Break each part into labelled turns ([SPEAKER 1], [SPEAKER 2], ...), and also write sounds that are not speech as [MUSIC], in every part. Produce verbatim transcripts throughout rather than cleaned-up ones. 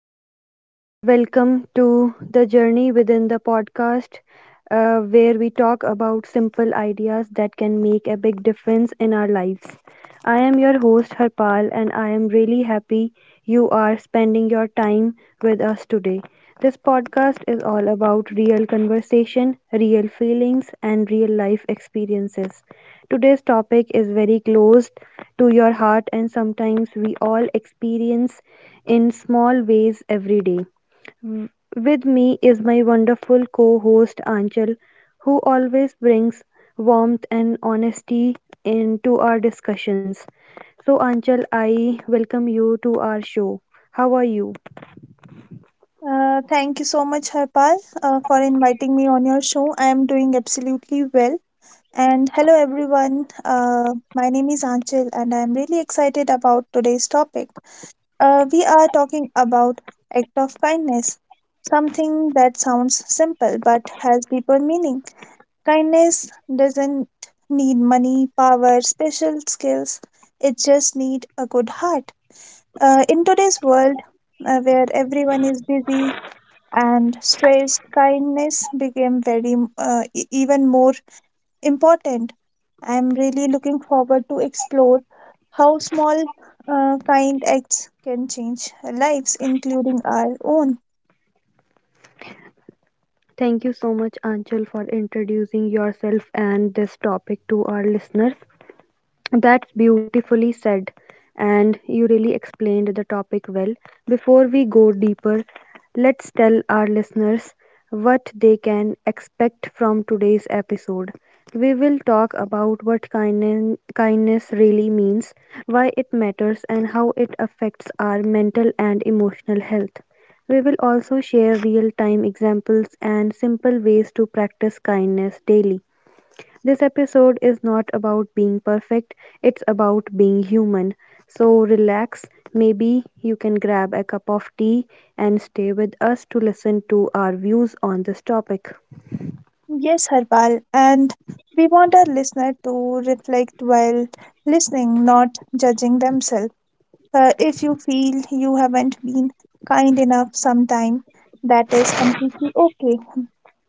[SPEAKER 1] warm welcome to the Journey Within the podcast, uh, where we talk about simple ideas that can make a big difference in our lives. I am your host, Harpal, and I am really happy you are spending your time with us today. This podcast is all about real conversation, real feelings, and real life experiences. Today's topic is very close to your heart, and sometimes we all experience in small ways every day. With me is my wonderful co host Anchal, who always brings warmth and honesty into our discussions. So, Anchal, I welcome you to our show. How are you?
[SPEAKER 2] Uh, thank you so much, Harpal, uh, for inviting me on your show. I am doing absolutely well. And hello, everyone. Uh, my name is Anchal, and I am really excited about today's topic. Uh, we are talking about act of kindness, something that sounds simple but has deeper meaning. Kindness doesn't need money, power, special skills. It just needs a good heart. Uh, in today's world, uh, where everyone is busy and stressed, kindness became very uh, e- even more important. I am really looking forward to explore how small uh, kind acts can change lives, including our own.
[SPEAKER 1] Thank you so much, Anchal, for introducing yourself and this topic to our listeners. That's beautifully said, and you really explained the topic well. Before we go deeper, let's tell our listeners what they can expect from today's episode. We will talk about what kindness, kindness really means, why it matters, and how it affects our mental and emotional health. We will also share real time examples and simple ways to practice kindness daily. This episode is not about being perfect, it's about being human. So relax, maybe you can grab a cup of tea and stay with us to listen to our views on this topic.
[SPEAKER 2] Yes, Harpal, and we want our listener to reflect while listening, not judging themselves. Uh, if you feel you haven't been kind enough sometime, that is completely okay,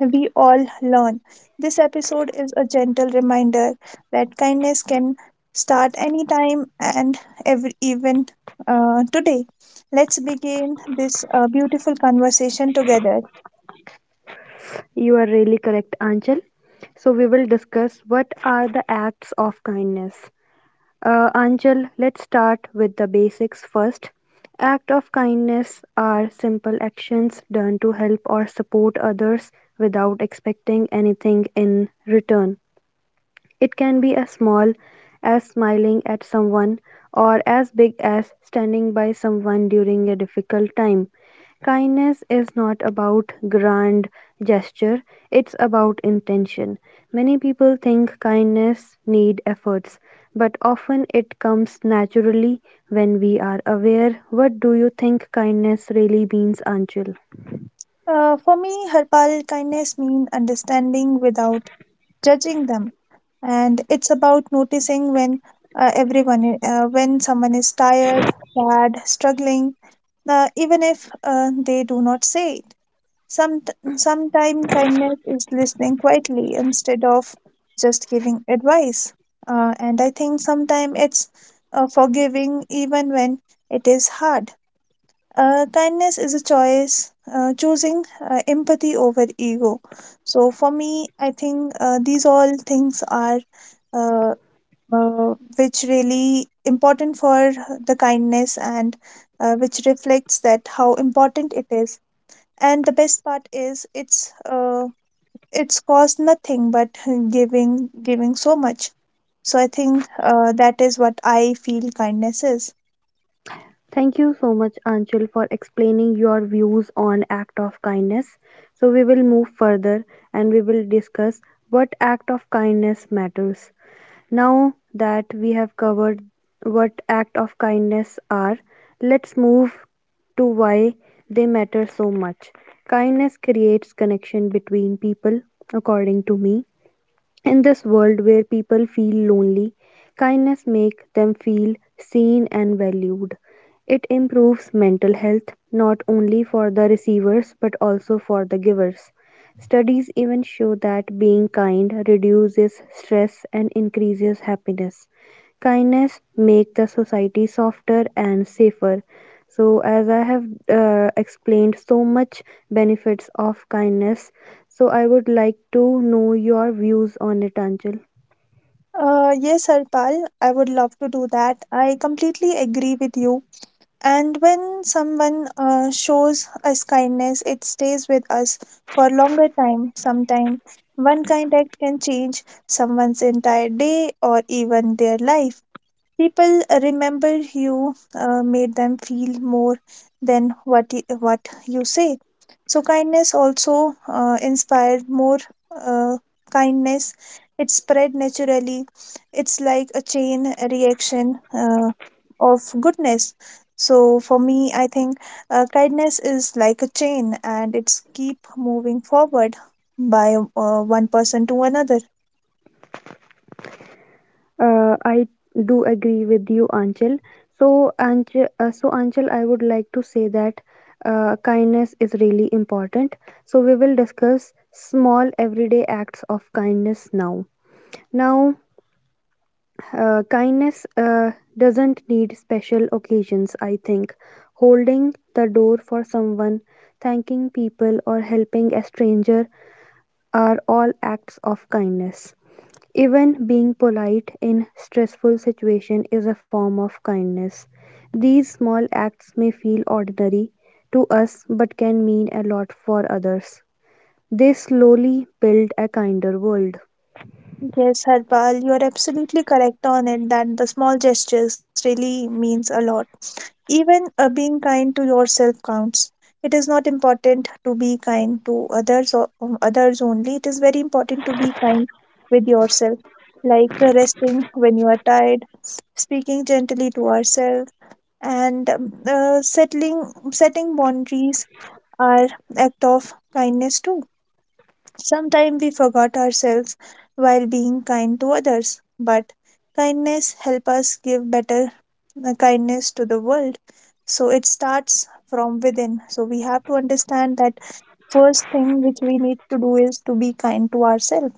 [SPEAKER 2] we all learn. This episode is a gentle reminder that kindness can start anytime and every even, uh, today. Let's begin this uh, beautiful conversation together.
[SPEAKER 1] You are really correct, Anchal. So we will discuss what are the acts of kindness. Uh, Anchal, let's start with the basics first. Act of kindness are simple actions done to help or support others without expecting anything in return. It can be as small as smiling at someone or as big as standing by someone during a difficult time. Kindness is not about grand gesture, it's about intention. Many people think kindness need efforts, but often it comes naturally when we are aware. What do you think kindness really means, Anchal?
[SPEAKER 2] Uh, for me, Harpal, kindness means understanding without judging them, and it's about noticing when, uh, everyone, i- uh, when someone is tired, sad, struggling, uh, even if uh, they do not say it. Some Sometime kindness is listening quietly instead of just giving advice. Uh, and I think sometimes it's uh, forgiving even when it is hard. Uh, kindness is a choice, uh, choosing uh, empathy over ego. So for me, I think uh, these all things are uh, uh, which really important for the kindness and uh, which reflects that how important it is, and the best part is it's uh, it's cost nothing but [LAUGHS] giving giving so much. So I think uh, that is what I feel kindness is.
[SPEAKER 1] Thank you so much, Anchal, for explaining your views on act of kindness. So we will move further and we will discuss what act of kindness matters. Now that we have covered what act of kindness are, let's move to why they matter so much. Kindness creates connection between people, according to me. In this world where people feel lonely, kindness makes them feel seen and valued. It improves mental health not only for the receivers but also for the givers. Studies even show that being kind reduces stress and increases happiness. Kindness makes the society softer and safer. So, as I have uh, explained so much benefits of kindness, so I would like to know your views on it, Anchal.
[SPEAKER 2] Uh, yes Harpal, I would love to do that. I completely agree with you, and when someone uh, shows us kindness, it stays with us for longer time. Sometime one kind act can change someone's entire day or even their life. People uh, remember you uh, made them feel more than what y- what you say. So kindness also uh, inspired more uh, kindness. It spread naturally. It's like a chain reaction uh, of goodness. So for me, I think uh, kindness is like a chain and it's keep moving forward by uh, one person to another.
[SPEAKER 1] Uh, I do agree with you, Anchal. So, Anchal, uh, so Anchal, I would like to say that uh, kindness is really important. So we will discuss small everyday acts of kindness now. Now, uh, kindness uh, doesn't need special occasions. I think holding the door for someone, thanking people, or helping a stranger are all acts of kindness. Even being polite in stressful situation is a form of kindness. These small acts may feel ordinary to us but can mean a lot for others. They slowly build a kinder world.
[SPEAKER 2] Yes, Harpal, you are absolutely correct on it that the small gestures really means a lot. Even uh, being kind to yourself counts. It is not important to be kind to others or um, others only. It is very important to be kind with yourself, like uh, resting when you are tired, speaking gently to ourselves, and um, uh, settling setting boundaries are act of kindness too. Sometimes we forgot ourselves while being kind to others, but kindness helps us give better uh, kindness to the world. So it starts from within. So we have to understand that first thing which we need to do is to be kind to ourselves.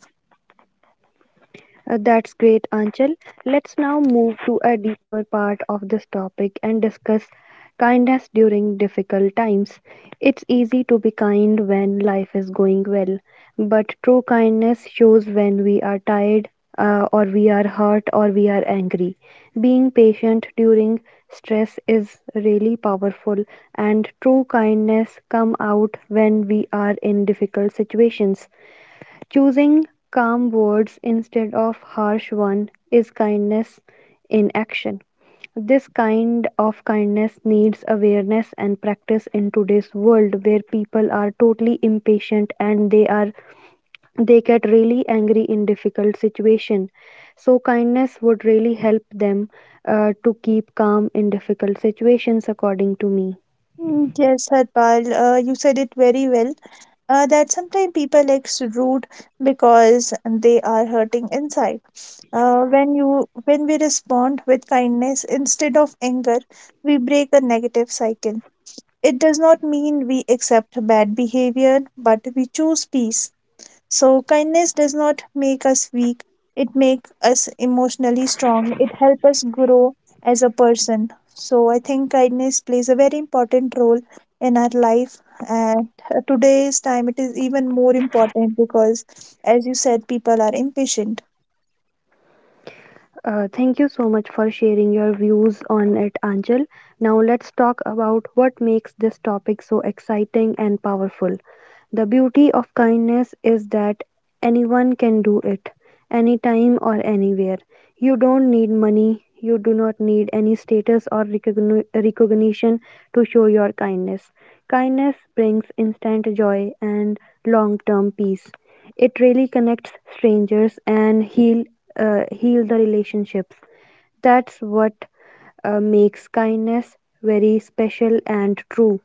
[SPEAKER 1] Uh, that's great, Anchal. Let's now move to a deeper part of this topic and discuss kindness during difficult times. It's easy to be kind when life is going well, but true kindness shows when we are tired, uh, or we are hurt, or we are angry. Being patient during stress is really powerful, and true kindness come out when we are in difficult situations. Choosing calm words instead of harsh one is kindness in action. This kind of kindness needs awareness and practice in today's world where people are totally impatient and they are they get really angry in difficult situation. So kindness would really help them uh, to keep calm in difficult situations according to me.
[SPEAKER 2] Mm, yes, Harpal, uh, you said it very well. Uh, that sometimes people acts rude because they are hurting inside. Uh, when you when we respond with kindness instead of anger, we break a negative cycle. It does not mean we accept bad behavior, but we choose peace. So kindness does not make us weak. It makes us emotionally strong. It helps us grow as a person. So I think kindness plays a very important role in our life. And uh, today's time, it is even more important because, as you said, people are impatient.
[SPEAKER 1] Uh, thank you so much for sharing your views on it, Anjal. Now, let's talk about what makes this topic so exciting and powerful. The beauty of kindness is that anyone can do it, anytime or anywhere. You don't need money, you do not need any status or recogni- recognition to show your kindness. Kindness brings instant joy and long term peace. It really connects strangers and heal uh, heal the relationships. That's what uh, makes kindness very special and true.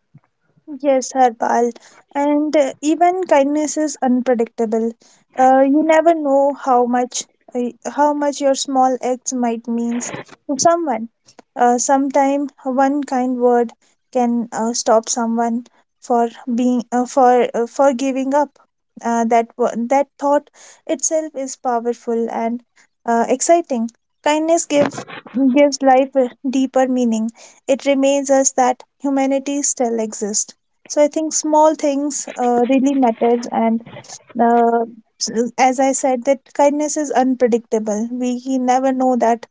[SPEAKER 2] Yes, Harpal. And uh, even kindness is unpredictable. Uh, you never know how much uh, how much your small acts might means to someone. Uh, sometime one kind word can uh, stop someone for being uh, for uh, for giving up. Uh, that wo- that thought itself is powerful and uh, exciting. Kindness gives gives life a deeper meaning. It reminds us that humanity still exists. So I think small things uh, really matters, and uh, s- as I said, that kindness is unpredictable. We never know that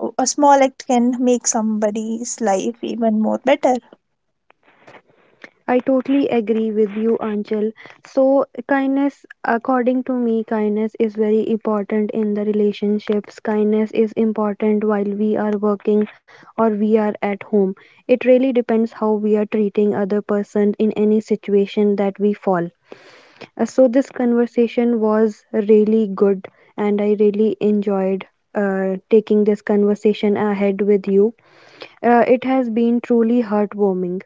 [SPEAKER 2] uh, a small act can make somebody's life even more better.
[SPEAKER 1] I totally agree with you, Anchal. So, kindness, according to me, kindness is very important in the relationships. Kindness is important while we are working or we are at home. It really depends how we are treating other person in any situation that we fall. Uh, so this conversation was really good, and I really enjoyed uh, taking this conversation ahead with you. Uh, it has been truly heartwarming.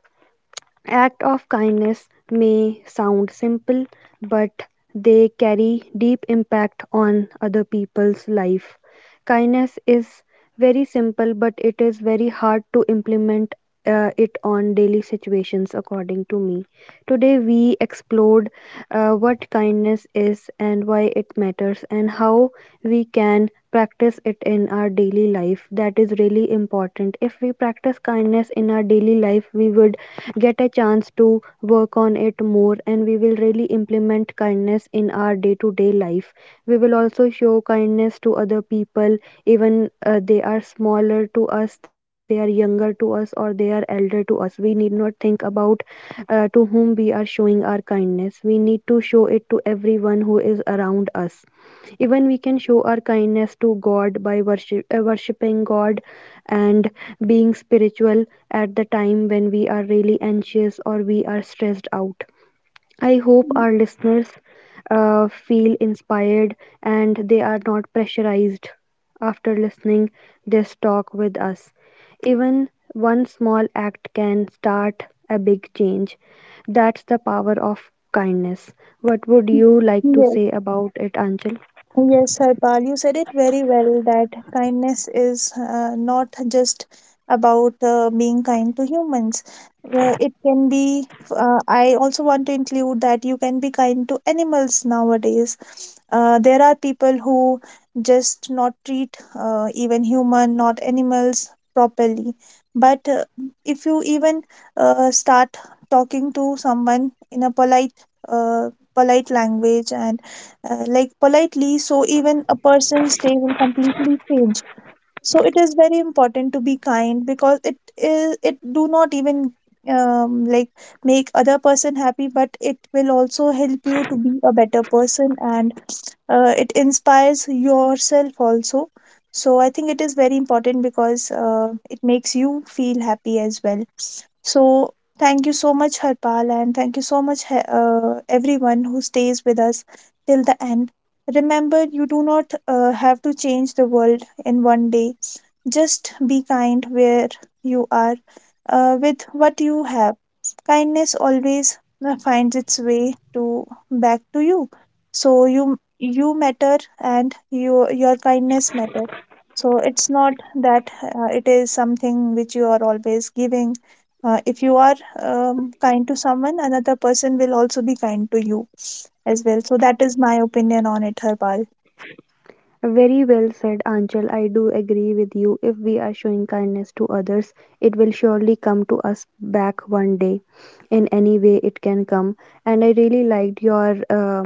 [SPEAKER 1] Act of kindness may sound simple, but they carry deep impact on other people's life. Kindness is very simple, but it is very hard to implement uh, it on daily situations, according to me. Today, we explored uh, what kindness is and why it matters, and how we can practice it in our daily life. That is really important. If we practice kindness in our daily life, we would get a chance to work on it more and we will really implement kindness in our day to day life. We will also show kindness to other people, even uh, they are smaller to us, they are younger to us, or they are elder to us. We need not think about uh, to whom we are showing our kindness. We need to show it to everyone who is around us. Even we can show our kindness to God by worship, uh, worshiping God and being spiritual at the time when we are really anxious or we are stressed out. I hope our listeners uh, feel inspired and they are not pressurized after listening this talk with us. Even one small act can start a big change. That's the power of kindness. What would you like to
[SPEAKER 2] Yes,
[SPEAKER 1] say about it, Anchal?
[SPEAKER 2] Yes, Harpal, you said it very well that kindness is uh, not just about uh, being kind to humans. Uh, it can be, uh, I also want to include that you can be kind to animals nowadays. Uh, there are people who just not treat uh, even human, not animals properly. But uh, if you even uh, start talking to someone in a polite, uh, polite language and uh, like politely, so even a person's day will completely change. So it is very important to be kind because it is it do not even um, like make other person happy, but it will also help you to be a better person, and uh, it inspires yourself also. So I think it is very important because uh, it makes you feel happy as well. So, thank you so much, Harpal, and thank you so much, he- uh, everyone who stays with us till the end. Remember, you do not uh, have to change the world in one day. Just be kind where you are uh, with what you have. Kindness always uh, finds its way to back to you. So you you matter and you, your kindness matter. So it's not that uh, it is something which you are always giving. Uh, if you are um, kind to someone, another person will also be kind to you as well. So that is my opinion on it, Harpal.
[SPEAKER 1] Very well said, Anchal. I do agree with you. If we are showing kindness to others, it will surely come to us back one day in any way it can come. And I really liked your uh,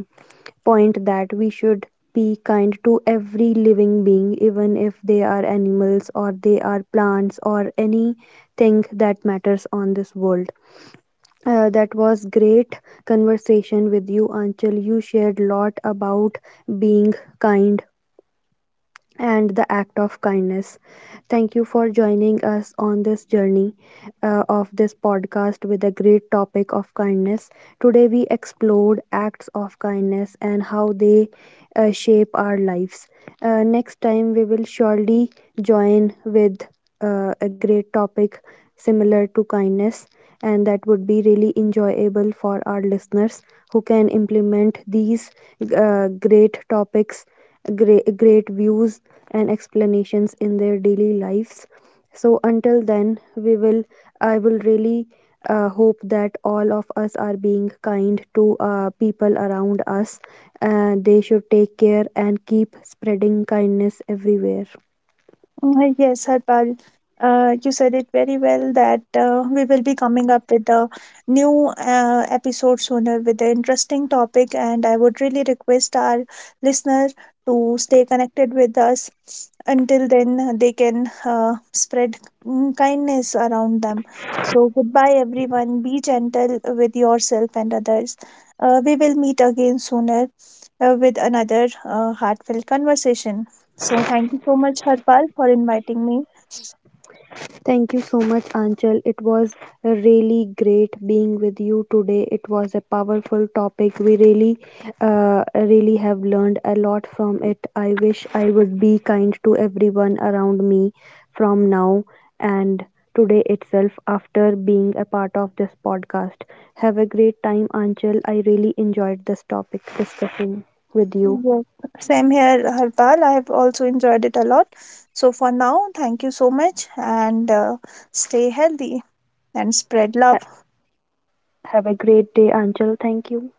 [SPEAKER 1] point that we should be kind to every living being, even if they are animals or they are plants or anything that matters on this world. Uh, that was great conversation with you, Anchal. You shared lot about being kind and the act of kindness. Thank you for joining us on this journey uh, of this podcast with a great topic of kindness. Today, we explored acts of kindness and how they uh, shape our lives. Uh, next time, we will surely join with uh, a great topic similar to kindness, and that would be really enjoyable for our listeners who can implement these uh, great topics, great, great views, and explanations in their daily lives. So, until then, we will, I will really uh, hope that all of us are being kind to uh, people around us. Uh, they should take care and keep spreading kindness everywhere.
[SPEAKER 2] Uh, Yes, Harpal, uh, you said it very well that uh, we will be coming up with a new uh, episode sooner with an interesting topic, and I would really request our listener to stay connected with us. Until then, they can uh, spread mm, kindness around them. So, goodbye, everyone. Be gentle with yourself and others. Uh, we will meet again sooner uh, with another uh, heartfelt conversation. So thank you so much, Harpal, for inviting me.
[SPEAKER 1] Thank you so much, Anchal. It was really great being with you today. It was a powerful topic. We really, uh, really have learned a lot from it. I wish I would be kind to everyone around me from now and today itself after being a part of this podcast. Have a great time, Anchal. I really enjoyed this topic discussing with you.
[SPEAKER 2] Yes. Same here, Harpal. I have also enjoyed it a lot. So for now, thank you so much and uh, stay healthy and spread love.
[SPEAKER 1] Ha- Have a great day, Anchal. Thank you.